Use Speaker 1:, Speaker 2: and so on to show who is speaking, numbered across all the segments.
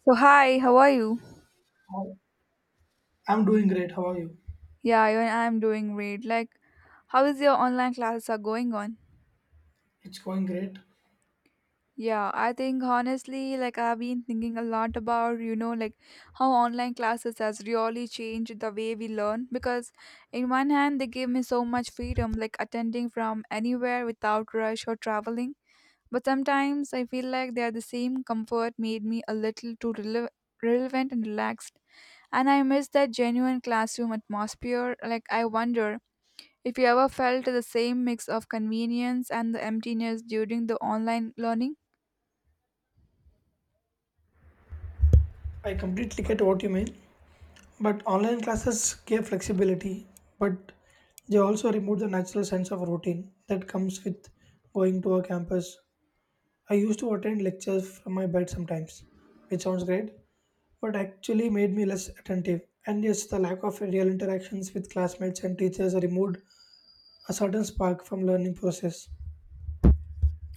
Speaker 1: So hi, how are you?
Speaker 2: I'm doing great. How are you?
Speaker 1: Yeah, I'm doing great. How is your online classes are going on?
Speaker 2: It's going great.
Speaker 1: Yeah, I think honestly, I've been thinking a lot about, like how online classes has really changed the way we learn because in one hand they give me so much freedom, like attending from anywhere without rush or traveling. But sometimes I feel like they are the same comfort made me a little relevant and relaxed. And I miss that genuine classroom atmosphere. Like I wonder if you ever felt the same mix of convenience and the emptiness during the online learning?
Speaker 2: I completely get what you mean. But online classes give flexibility, but they also remove the natural sense of routine that comes with going to a campus. I used to attend lectures from my bed sometimes, which sounds great, but actually made me less attentive. And yes, the lack of real interactions with classmates and teachers removed a certain spark from learning process.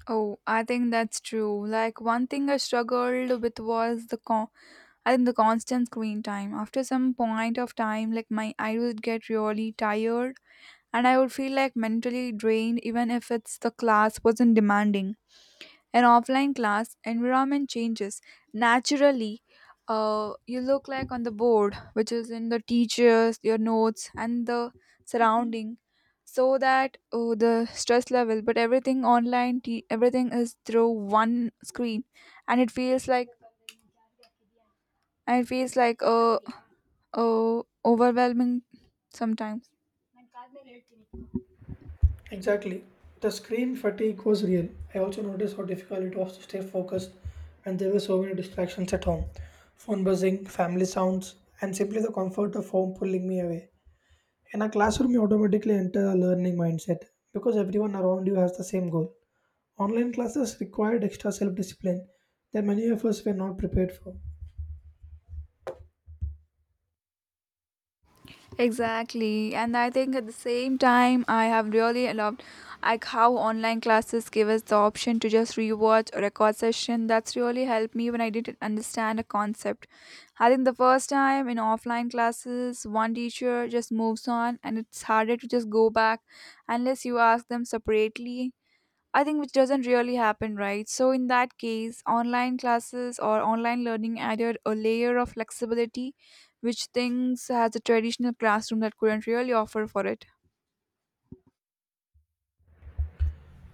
Speaker 1: Oh, I think that's true. Like one thing I struggled with was I think the constant screen time. After some point of time, like my I would get really tired and I would feel like mentally drained even if it's the class wasn't demanding. An offline class environment changes naturally. You look like on the board which is in the teachers your notes and the surrounding, so that oh, the stress level. But everything online everything is through one screen, and it feels like a overwhelming sometimes.
Speaker 2: Exactly. The screen fatigue was real. I also noticed how difficult it was to stay focused when there were so many distractions at home. Phone buzzing, family sounds, and simply the comfort of home pulling me away. In a classroom, you automatically enter a learning mindset because everyone around you has the same goal. Online classes required extra self discipline that many of us were not prepared for.
Speaker 1: Exactly. And I think at the same time, I have really loved like how online classes give us the option to just rewatch a record session. That's really helped me when I didn't understand a concept. I think the first time in offline classes, one teacher just moves on and it's harder to just go back unless you ask them separately. I think which doesn't really happen, right? So in that case, online classes or online learning added a layer of flexibility which things has a traditional classroom that couldn't really offer for it.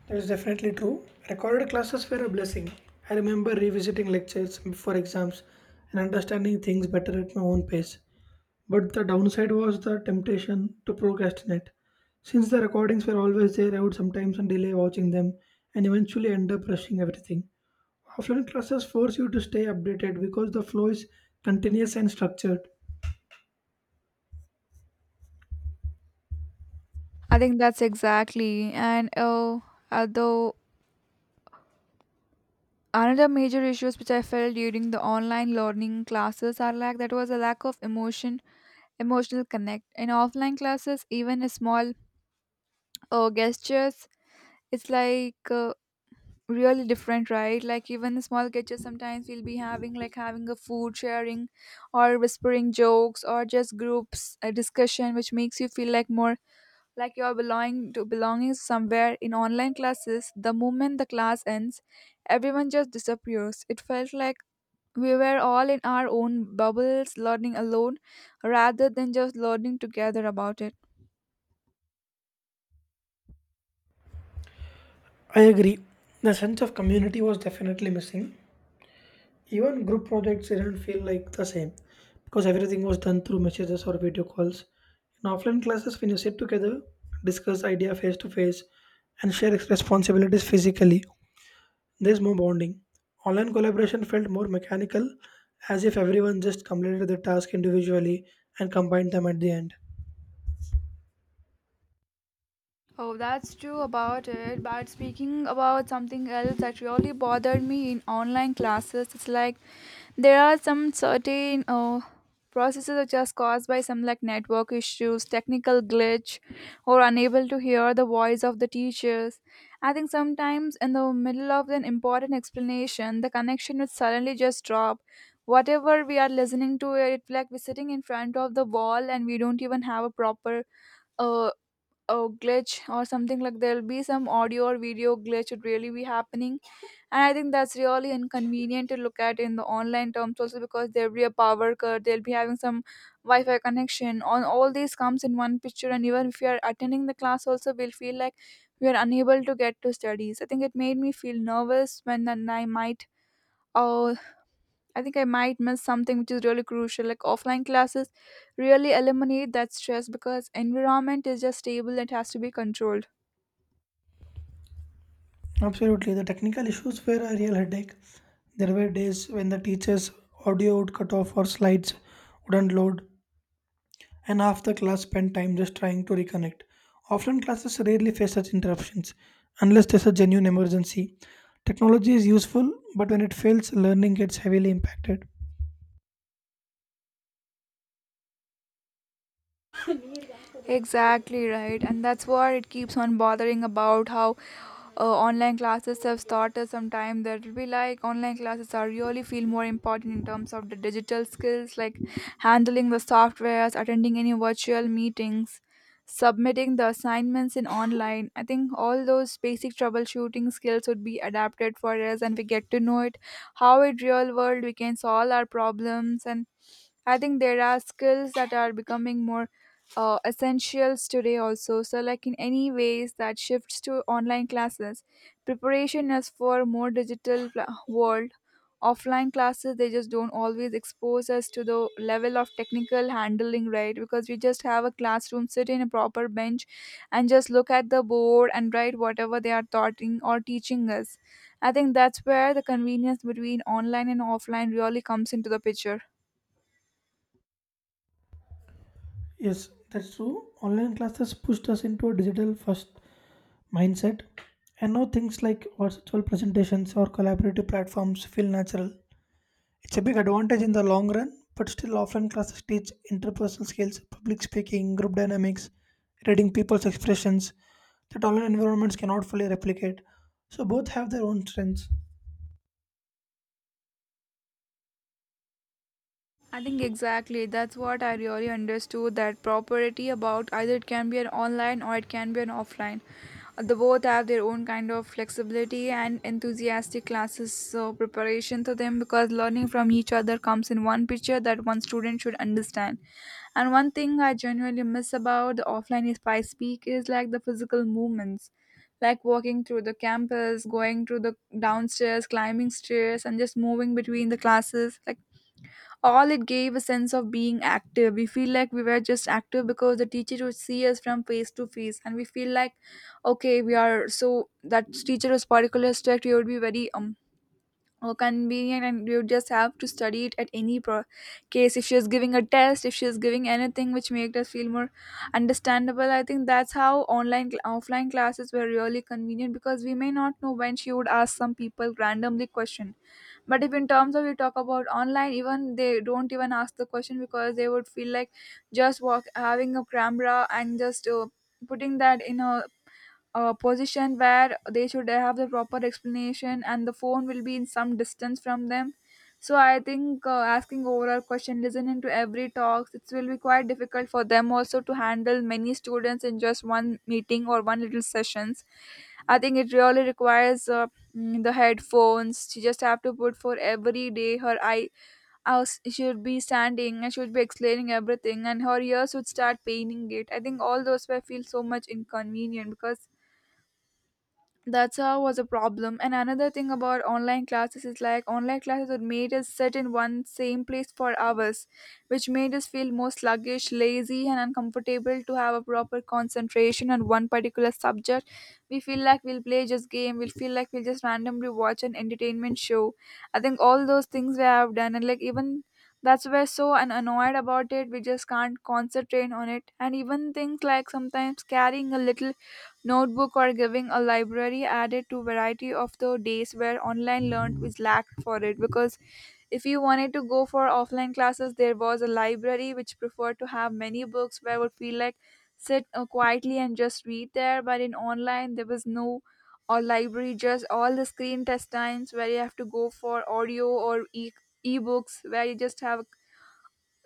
Speaker 2: That is definitely true. Recorded classes were a blessing. I remember revisiting lectures for exams and understanding things better at my own pace. But the downside was the temptation to procrastinate. Since the recordings were always there, I would sometimes delay watching them and eventually end up rushing everything. Offline classes force you to stay updated because the flow is continuous and structured.
Speaker 1: I think that's exactly. And although another major issues which I felt during the online learning classes are like that was a lack of emotional connect. In offline classes, even a small gestures, it's like really different, right? Like even the small catches, sometimes we'll be having like having a food sharing or whispering jokes or just groups a discussion which makes you feel like more like you're belonging to belonging somewhere. In online classes the moment the class ends everyone just disappears. It felt like we were all in our own bubbles learning alone rather than just learning together about it.
Speaker 2: I agree. The sense of community was definitely missing. Even group projects didn't feel like the same because everything was done through messages or video calls. In offline classes, when you sit together, discuss idea face to face, and share responsibilities physically, there's more bonding. Online collaboration felt more mechanical, as if everyone just completed the task individually and combined them at the end.
Speaker 1: Oh, that's true about it. But speaking about something else that really bothered me in online classes, it's like there are some certain processes which are caused by some like network issues, technical glitch, or unable to hear the voice of the teachers. I think sometimes in the middle of an important explanation, the connection would suddenly just drop. Whatever we are listening to, it like we're sitting in front of the wall and we don't even have a proper a a glitch or something. Like there'll be some audio or video glitch would really be happening, and I think that's really inconvenient to look at. In the online terms also, because there'll be a power cut, they'll be having some wi-fi connection, on all these comes in one picture. And even if you are attending the class also, we'll feel like we are unable to get to studies. I think it made me feel nervous when then I might, oh, I think I might miss something which is really crucial. Like offline classes really eliminate that stress because environment is just stable and has to be controlled.
Speaker 2: Absolutely, the technical issues were a real headache. There were days when the teacher's audio would cut off or slides wouldn't load, and half the class spend time just trying to reconnect. Offline classes rarely face such interruptions unless there's a genuine emergency. Technology is useful, but when it fails, learning gets heavily impacted.
Speaker 1: Exactly right, and that's what it keeps on bothering about how online classes have started. Sometime that will be like online classes are really feel more important in terms of the digital skills, like handling the softwares, attending any virtual meetings, submitting the assignments in online. I think all those basic troubleshooting skills would be adapted for us, and we get to know it how in real world we can solve our problems. And I think there are skills that are becoming more essentials today also. So like in any ways that shifts to online classes, preparation is for more world. Offline classes they just don't always expose us to the level of technical handling, right? Because we just have a classroom, sit in a proper bench, and just look at the board and write whatever they are taughting or teaching us. I think that's where the convenience between online and offline really comes into the picture.
Speaker 2: Yes, that's true. Online classes pushed us into a digital first mindset, and now things like virtual presentations or collaborative platforms feel natural. It's a big advantage in the long run, but still, offline classes teach interpersonal skills, public speaking, group dynamics, reading people's expressions that online environments cannot fully replicate. So, both have their own strengths.
Speaker 1: I think exactly that's what I really understood that property about either it can be an online or it can be an offline. The both have their own kind of flexibility and enthusiastic classes so preparation to them, because learning from each other comes in one picture that one student should understand. And one thing I genuinely miss about the offline is I speak is like the physical movements. Like walking through the campus, going through the downstairs, climbing stairs, and just moving between the classes. Like all it gave a sense of being active. We feel like we were just active because the teacher would see us from face to face, and we feel like okay we are. So that teacher was particular strict, we would be very convenient, and you just have to study it at any case. If she is giving a test, if she is giving anything which made us feel more understandable. I think that's how offline classes were really convenient, because we may not know when she would ask some people randomly question. But if in terms of we talk about online, even they don't even ask the question, because they would feel like just walk having a camera and just putting that in a position where they should have the proper explanation, and the phone will be in some distance from them. So I think asking overall question, listening to every talks, it will be quite difficult for them also to handle many students in just one meeting or one little sessions. I think it really requires the headphones. She just have to put for every day. Eyes should be standing. I should be explaining everything, and her ears would start paining it. I think all those were feel so much inconvenient, because that's how was a problem. And another thing about online classes is like online classes that made us sit in one same place for hours, which made us feel more sluggish, lazy, and uncomfortable to have a proper concentration on one particular subject. We feel like we'll play just game, we'll feel like we'll just randomly watch an entertainment show. I think all those things we have done. And like even that's why we're so annoyed about it. We just can't concentrate on it. And even things like sometimes carrying a little notebook or giving a library added to variety of the days where online learned was lacked for it. Because if you wanted to go for offline classes, there was a library which preferred to have many books where I would feel like sit quietly and just read there. But in online there was no or library, just all the screen test times where you have to go for audio or ebooks, where you just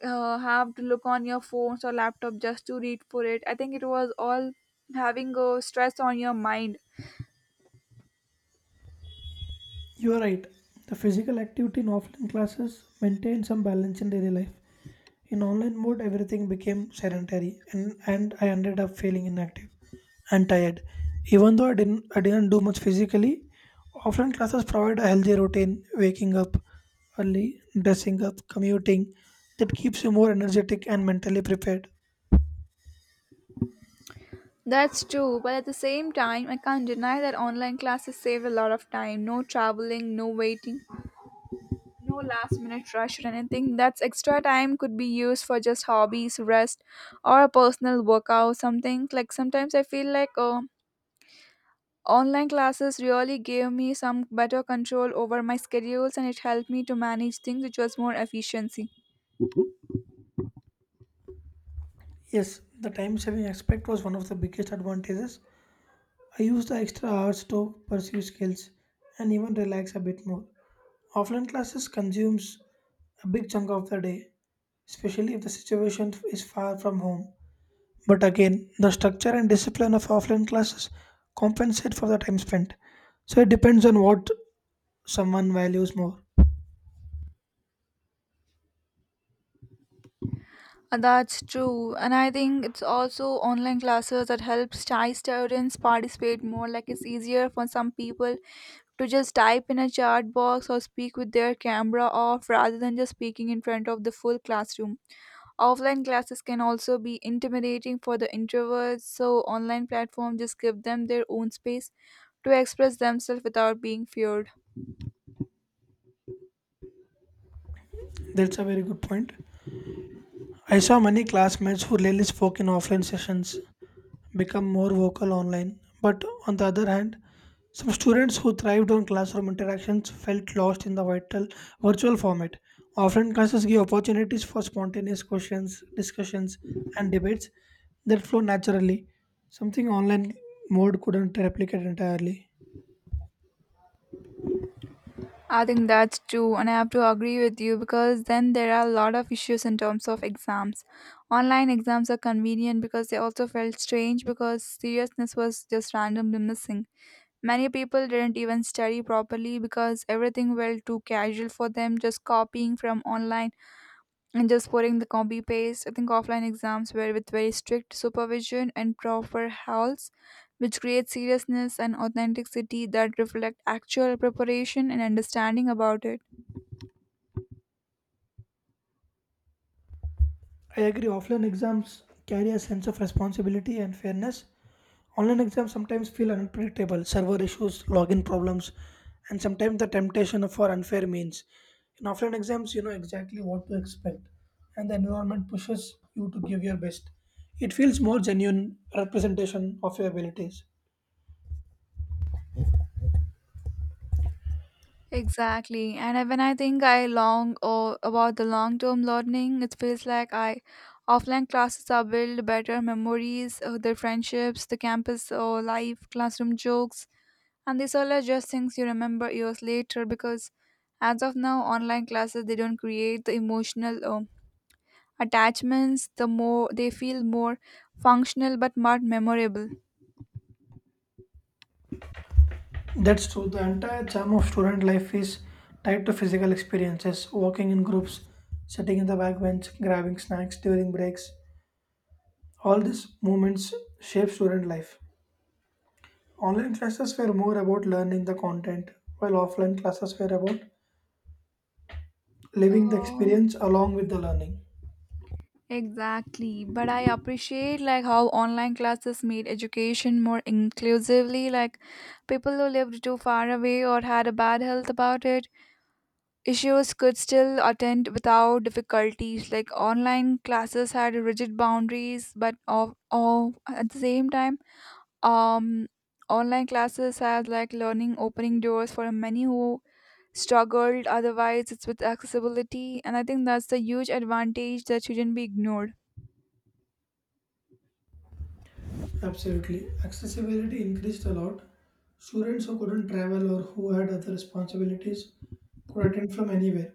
Speaker 1: have to look on your phones or laptop just to read for it. I think it was all having a stress on your mind.
Speaker 2: You are right. The physical activity in offline classes maintained some balance in daily life. In online mode, everything became sedentary, and I ended up feeling inactive and tired. Even though I didn't do much physically, offline classes provide a healthy routine, waking up early, dressing up, commuting, that keeps you more energetic and mentally prepared.
Speaker 1: That's true, but at the same time, I can't deny that online classes save a lot of time. No traveling, no waiting, no last minute rush or anything. That's extra time could be used for just hobbies, rest, or a personal workout, something. Like sometimes I feel like online classes really gave me some better control over my schedules, and it helped me to manage things which was more efficiency.
Speaker 2: Yes, the time saving aspect was one of the biggest advantages. I use the extra hours to pursue skills and even relax a bit more. Offline classes consumes a big chunk of the day, especially if the situation is far from home. But again, the structure and discipline of offline classes compensate for the time spent. So it depends on what someone values more.
Speaker 1: That's true, and I think it's also online classes that helps Thai students participate more. Like it's easier for some people to just type in a chat box or speak with their camera off rather than just speaking in front of the full classroom. Offline classes can also be intimidating for the introverts, so online platforms just give them their own space to express themselves without being feared.
Speaker 2: That's a very good point. I saw many classmates who rarely spoke in offline sessions become more vocal online. But on the other hand, some students who thrived on classroom interactions felt lost in the vital virtual format. Often, classes give opportunities for spontaneous questions, discussions, and debates that flow naturally, something online mode couldn't replicate entirely.
Speaker 1: I think that's true, and I have to agree with you because then there are a lot of issues in terms of exams. Online exams are convenient because they also felt strange because seriousness was just randomly missing. Many people didn't even study properly because everything felt too casual for them, just copying from online and just putting the copy paste. I think offline exams were with very strict supervision and proper halls, which create seriousness and authenticity that reflect actual preparation and understanding about it.
Speaker 2: I agree, offline exams carry a sense of responsibility and fairness. Online exams sometimes feel unpredictable, server issues, login problems, and sometimes the temptation for unfair means. In offline exams, you know exactly what to expect, and the environment pushes you to give your best. It feels more genuine representation of your abilities.
Speaker 1: Exactly. And when I think I long or about the long term learning, it feels like I offline classes are build better memories, the friendships, the campus or life, classroom jokes, and these all are just things you remember years later because as of now online classes they don't create the emotional attachments, the more they feel more functional but not memorable.
Speaker 2: That's true. The entire charm of student life is tied to physical experiences, walking in groups, sitting in the backbench, grabbing snacks during breaks. All these moments shape student life. Online classes were more about learning the content, while offline classes were about living the
Speaker 1: Oh,
Speaker 2: experience along with the learning.
Speaker 1: Exactly, but I appreciate like how online classes made education more inclusively like people who lived too far away or had a bad health about it issues could still attend without difficulties. Like online classes had rigid boundaries but of at the same time um online classes has like learning opening doors for many who struggled otherwise it's with accessibility, and I think that's the huge advantage that shouldn't be ignored.
Speaker 2: Absolutely. Accessibility increased a lot. Students who couldn't travel or who had other responsibilities could attend from anywhere.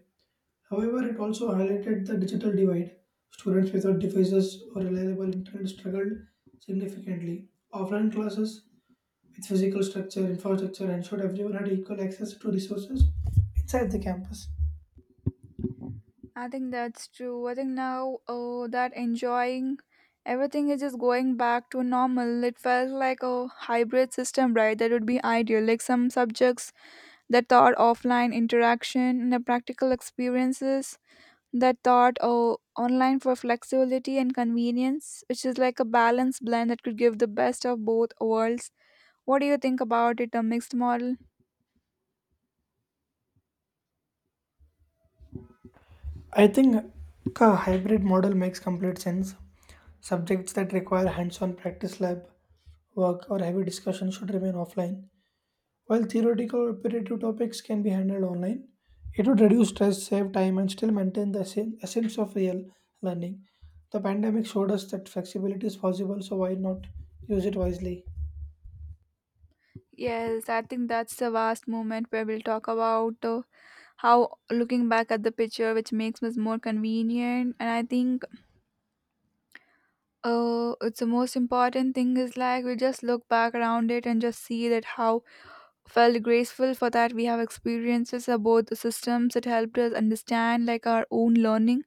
Speaker 2: However, it also highlighted the digital divide. Students without devices or reliable internet struggled significantly. Offline classes with physical structure, infrastructure, and ensured everyone had equal access to resources inside the campus.
Speaker 1: I think that's true. I think now that enjoying everything is just going back to normal. It felt like a hybrid system, right? That would be ideal. Like some subjects that taught offline interaction and the practical experiences that taught online for flexibility and convenience, which is like a balanced blend that could give the best of both worlds. What do you think about it, a mixed model?
Speaker 2: I think a hybrid model makes complete sense. Subjects that require hands on practice, lab work, or heavy discussion should remain offline, while theoretical or operative topics can be handled online. It would reduce stress, save time, and still maintain the essence of real learning. The pandemic showed us that flexibility is possible, so why not use it wisely?
Speaker 1: Yes, I think that's the vast moment where we'll talk about. How looking back at the picture which makes us more convenient, and I think it's the most important thing is like we just look back around it and just see that how felt graceful for that we have experiences about the systems that helped us understand like our own learning,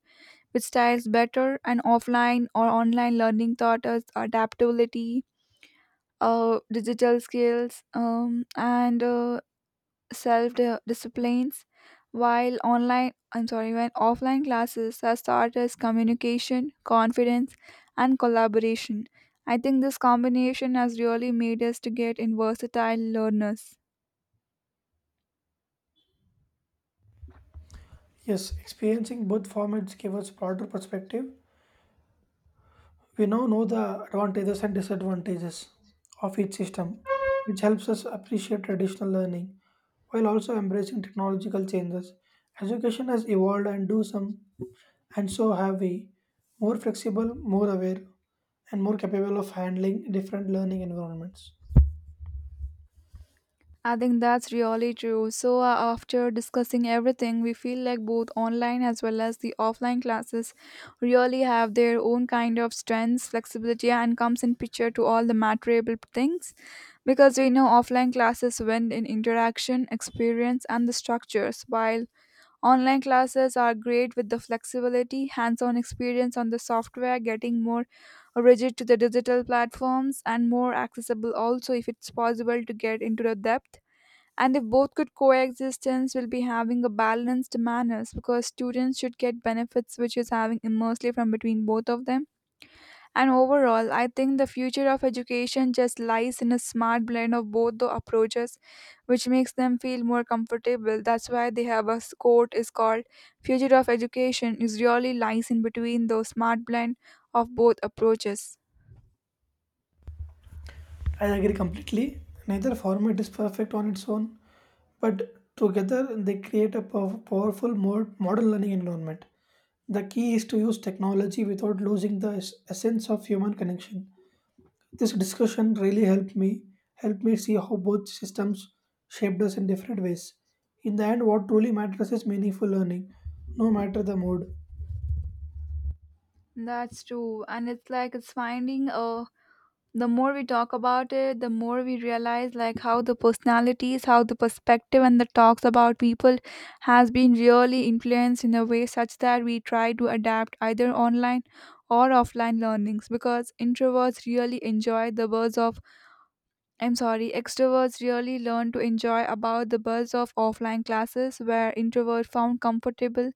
Speaker 1: which styles better. And offline or online learning taught us adaptability, digital skills, and self disciplines, while online I'm sorry, when offline classes have taught us communication, confidence, and collaboration. I think this combination has really made us to get in versatile learners.
Speaker 2: Yes, experiencing both formats gave us broader perspective. We now know the advantages and disadvantages of each system, which helps us appreciate traditional learning while also embracing technological changes. Education has evolved and do some and so have we, more flexible, more aware, and more capable of handling different learning environments.
Speaker 1: I think that's really true. So, after discussing everything, we feel like both online as well as the offline classes really have their own kind of strengths, flexibility, and comes in picture to all the material things. Because we know offline classes win in interaction, experience, and the structures, while online classes are great with the flexibility, hands on experience on the software, getting more rigid to the digital platforms, and more accessible also if it's possible to get into the depth. And if both could coexistence, we'll be having a balanced manners because students should get benefits which is having immersely from between both of them. And overall, I think the future of education just lies in a smart blend of both the approaches, which makes them feel more comfortable. That's why they have a quote is called, future of education is really lies in between those smart blend of both approaches.
Speaker 2: I agree completely. Neither format is perfect on its own, but together, they create a powerful modern learning environment. The key is to use technology without losing the essence of human connection. This discussion really helped me see how both systems shaped us in different ways. In the end, what truly matters is meaningful learning, no matter the mode.
Speaker 1: That's true, and it's like it's finding a, the more we talk about it, the more we realize like how the personalities, how the perspective and the talks about people has been really influenced in a way such that we try to adapt either online or offline learnings. Because introverts really enjoy the buzz of, I'm sorry, extroverts really learn to enjoy about the buzz of offline classes, where introverts found comfortable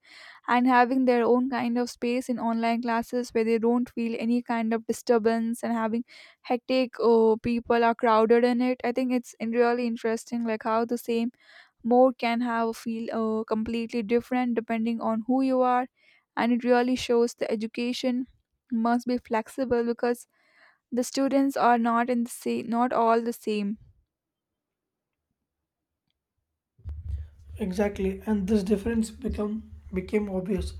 Speaker 1: and having their own kind of space in online classes where they don't feel any kind of disturbance and having hectic or people are crowded in it. I think it's really interesting like how the same mode can have a feel completely different depending on who you are, and it really shows the education must be flexible because the students are not in the same, not all the same.
Speaker 2: Exactly, and this difference become became obvious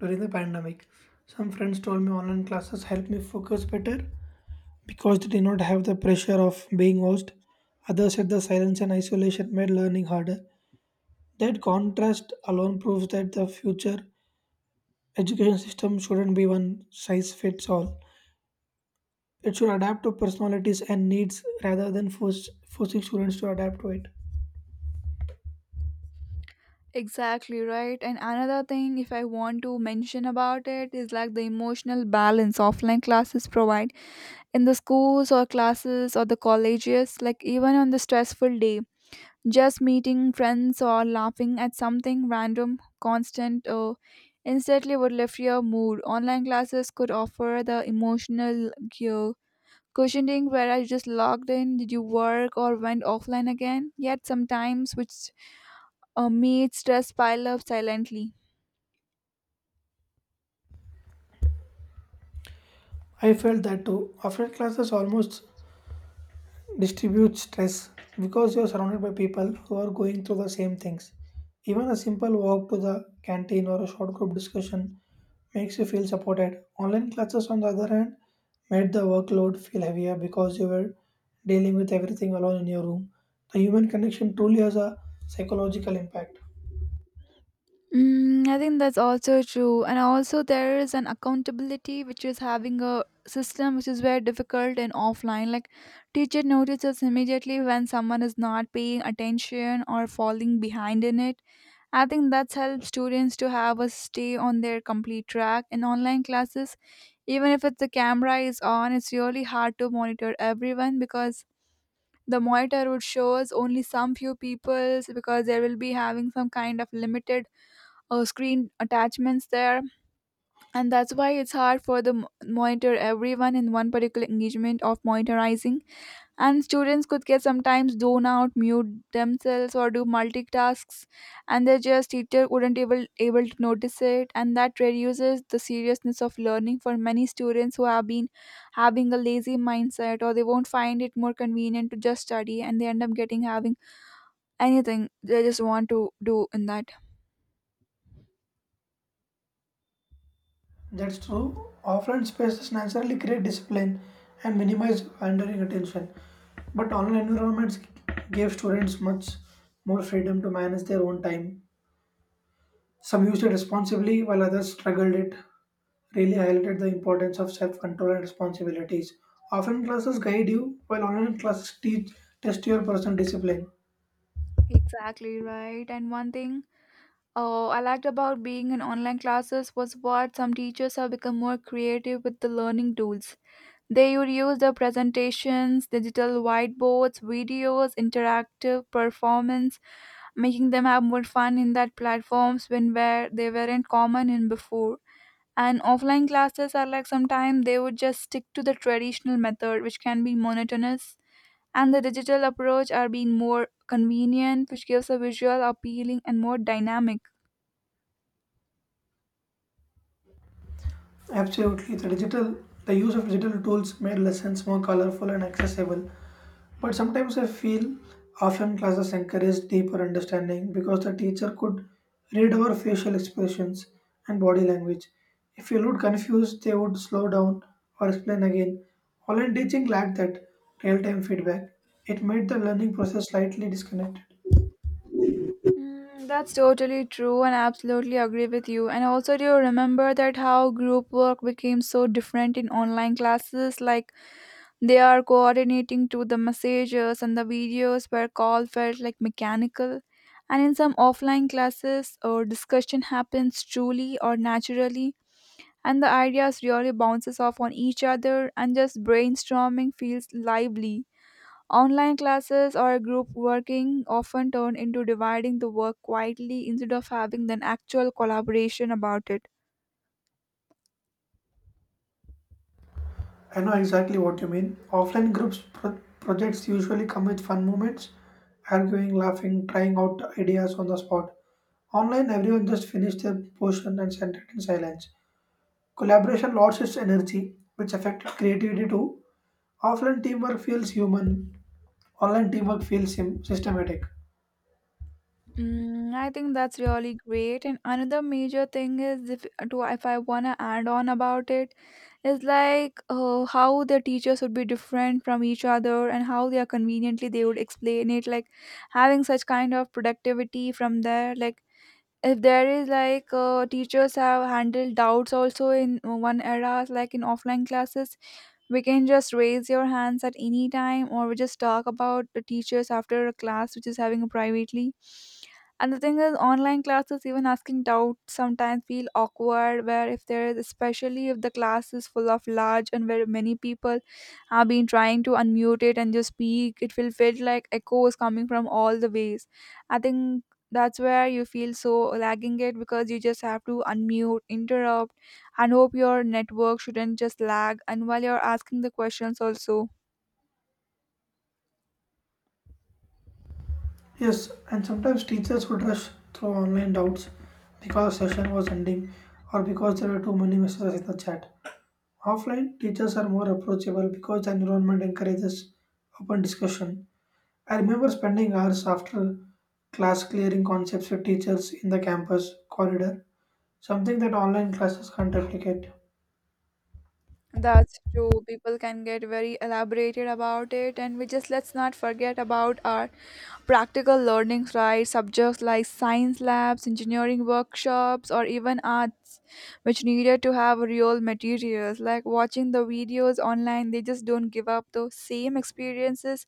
Speaker 2: during the pandemic. Some friends told me online classes helped me focus better, because they did not have the pressure of being watched. Others said the silence and isolation made learning harder. That contrast alone proves that the future education system shouldn't be one size fits all. It should adapt to personalities and needs rather than forcing students to adapt to it.
Speaker 1: Exactly right. And another thing, if I want to mention about it, is like the emotional balance offline classes provide in the schools or classes or the colleges, like even on the stressful day, just meeting friends or laughing at something random, constant, or instantly would lift your mood. Online classes could offer the emotional cure. Cushioning where I just logged in, did you work or went offline again? Yet sometimes, which made stress pile up silently.
Speaker 2: I felt that too. Offline classes almost distribute stress because you're surrounded by people who are going through the same things. Even a simple walk to the canteen or a short group discussion makes you feel supported. Online classes, on the other hand, made the workload feel heavier because you were dealing with everything alone in your room. The human connection truly has a psychological impact.
Speaker 1: Mm, I think that's also true. And also, there is an accountability, which is having a system which is very difficult in offline. Like, teacher notices immediately when someone is not paying attention or falling behind in it. I think that's helped students to have a stay on their complete track. In online classes, even if it's the camera is on, it's really hard to monitor everyone because the monitor would shows only some few people's, because there will be having some kind of limited screen attachments there. And that's why it's hard for the monitor everyone in one particular engagement of monitoring, and students could get sometimes zone out, mute themselves, or do multitasks, and their just teacher wouldn't able to notice it. And that reduces the seriousness of learning for many students who have been having a lazy mindset or they won't find it more convenient to just study, and they end up getting having anything they just want to do in that.
Speaker 2: That's true. Offline spaces naturally create discipline and minimize wandering attention. But online environments gave students much more freedom to manage their own time. Some used it responsibly while others struggled it. Really highlighted the importance of self control and responsibilities. Offline classes guide you while online classes teach test your personal discipline.
Speaker 1: Exactly right. And one thing, oh, I liked about being in online classes was what some teachers have become more creative with the learning tools. They would use the presentations, digital whiteboards, videos, interactive performance, making them have more fun in that platforms when where they weren't common in before. And offline classes are like sometimes they would just stick to the traditional method, which can be monotonous. And the digital approach are being more convenient, which gives a visual, appealing, and more dynamic.
Speaker 2: Absolutely, the use of digital tools made lessons more colorful and accessible. But sometimes I feel often classes encourage deeper understanding because the teacher could read our facial expressions and body language. If you looked confused, they would slow down or explain again. Online teaching lacked that real time feedback. It made the learning process slightly disconnected.
Speaker 1: Mm, that's totally true, and absolutely agree with you. And also, do you remember that how group work became so different in online classes? Like they are coordinating to the messages and the videos where call felt like mechanical. And in some offline classes, or discussion happens truly or naturally, and the ideas really bounces off on each other, and just brainstorming feels lively. Online classes or group working often turn into dividing the work quietly instead of having an actual collaboration about it.
Speaker 2: I know exactly what you mean. Offline groups projects usually come with fun moments, arguing, laughing, trying out ideas on the spot. Online, everyone just finished their portion and sent it in silence. Collaboration lost its energy, which affected creativity too. Offline teamwork feels human. Online teamwork feels sim systematic.
Speaker 1: Mm, I think that's really great. And another major thing is if to if I wanna add on about it, is like how the teachers would be different from each other and how they are conveniently they would explain it. Like having such kind of productivity from there, like if there is like teachers have handled doubts also in one era. Like in offline classes we can just raise your hands at any time, or we just talk about the teachers after a class which is having privately. And the thing is, online classes, even asking doubts sometimes feel awkward, where if there is, especially if the class is full of large and where many people have been trying to unmute it and just speak, it will feel like echoes coming from all the ways. I think that's where you feel so lagging it, because you just have to unmute, interrupt, and hope your network shouldn't just lag. And while you're asking the questions, also.
Speaker 2: Yes, and sometimes teachers would rush through online doubts because session was ending or because there were too many messages in the chat. Offline, teachers are more approachable because the environment encourages open discussion. I remember spending hours after class clearing concepts with teachers in the campus corridor, something that online classes can't replicate.
Speaker 1: That's true. People can get very elaborated about it, and we just let's not forget about our practical learnings, right? Subjects like science labs, engineering workshops, or even arts, which needed to have real materials. Like watching the videos online, they just don't give up those same experiences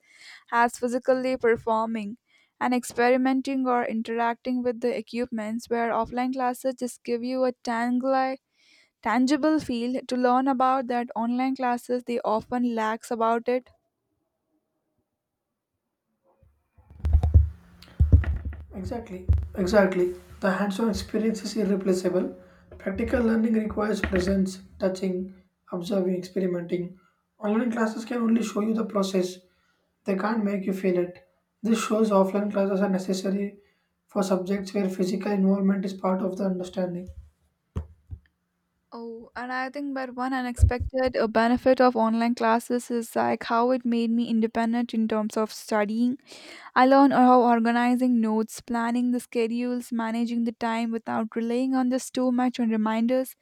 Speaker 1: as physically performing. And experimenting or interacting with the equipments, where offline classes just give you a tangle tangible field to learn about, that online classes they often lacks about it.
Speaker 2: Exactly, exactly. The hands on experience is irreplaceable. Practical learning requires presence, touching, observing, experimenting. Online classes can only show you the process, they can't make you feel it. This shows offline classes are necessary for subjects where physical involvement is part of the understanding.
Speaker 1: Oh, and I think that one unexpected benefit of online classes is like how it made me independent in terms of studying. I learned how organizing notes, planning the schedules, managing the time without relying on just too much on reminders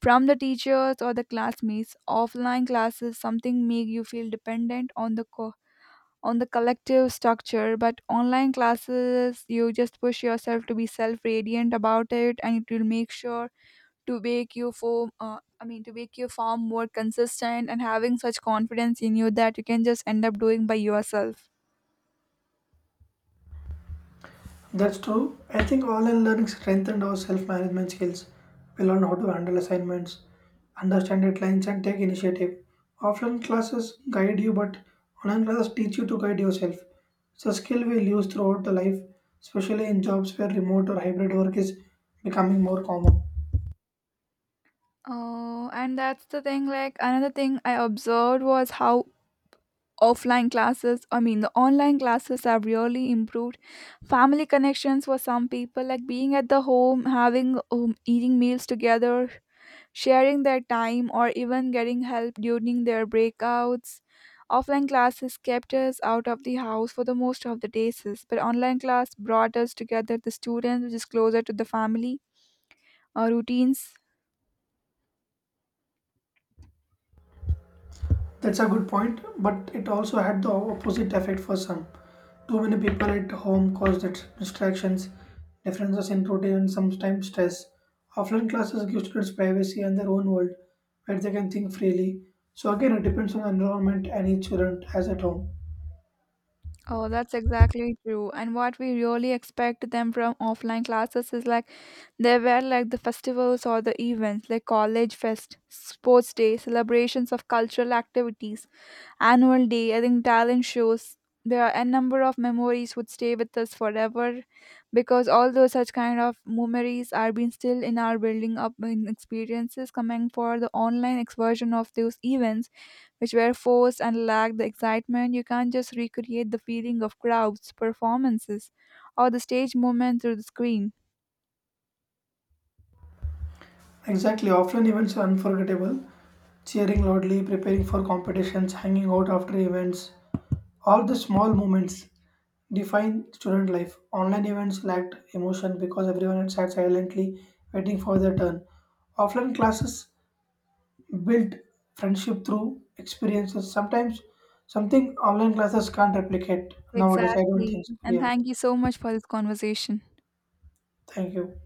Speaker 1: from the teachers or the classmates. Offline classes something make you feel dependent on the on the collective structure, but online classes you just push yourself to be self-radiant about it, and it will make sure to make you form I mean to make your form more consistent and having such confidence in you that you can just end up doing by yourself.
Speaker 2: That's true. I think online learning strengthened our self management skills. We learned how to handle assignments, understand deadlines, and take initiative. Offline classes guide you, but online classes teach you to guide yourself. It's a skill we'll use throughout the life, especially in jobs where remote or hybrid work is becoming more common.
Speaker 1: Oh, and that's the thing, like another thing I observed was how offline classes I mean the online classes have really improved family connections for some people, like being at the home having eating meals together, sharing their time, or even getting help during their breakouts. Offline classes kept us out of the house for the most of the days, but online class brought us together, the students, which is closer to the family routines.
Speaker 2: That's a good point, but it also had the opposite effect for some. Too many people at home caused it distractions, differences in routine, and sometimes stress. Offline classes give students privacy and their own world where they can think freely. So, again, it depends on the environment and each student has at home.
Speaker 1: Oh, that's exactly true. And what we really expect them from offline classes is like they were like the festivals or the events, like college fest, sports day, celebrations of cultural activities, annual day, I think talent shows. There are a number of memories would stay with us forever, because although such kind of memories are being still in our building up in experiences coming for the online version of those events which were forced and lacked the excitement. You can't just recreate the feeling of crowds, performances, or the stage movement through the screen.
Speaker 2: Exactly, offline events are unforgettable. Cheering loudly, preparing for competitions, hanging out after events. All the small moments define student life. Online events lacked emotion because everyone had sat silently waiting for their turn. Offline classes built friendship through experiences. Sometimes something online classes can't replicate nowadays. I don't
Speaker 1: Exactly.
Speaker 2: think so.
Speaker 1: And
Speaker 2: Yeah.
Speaker 1: thank you so much for this conversation.
Speaker 2: Thank you.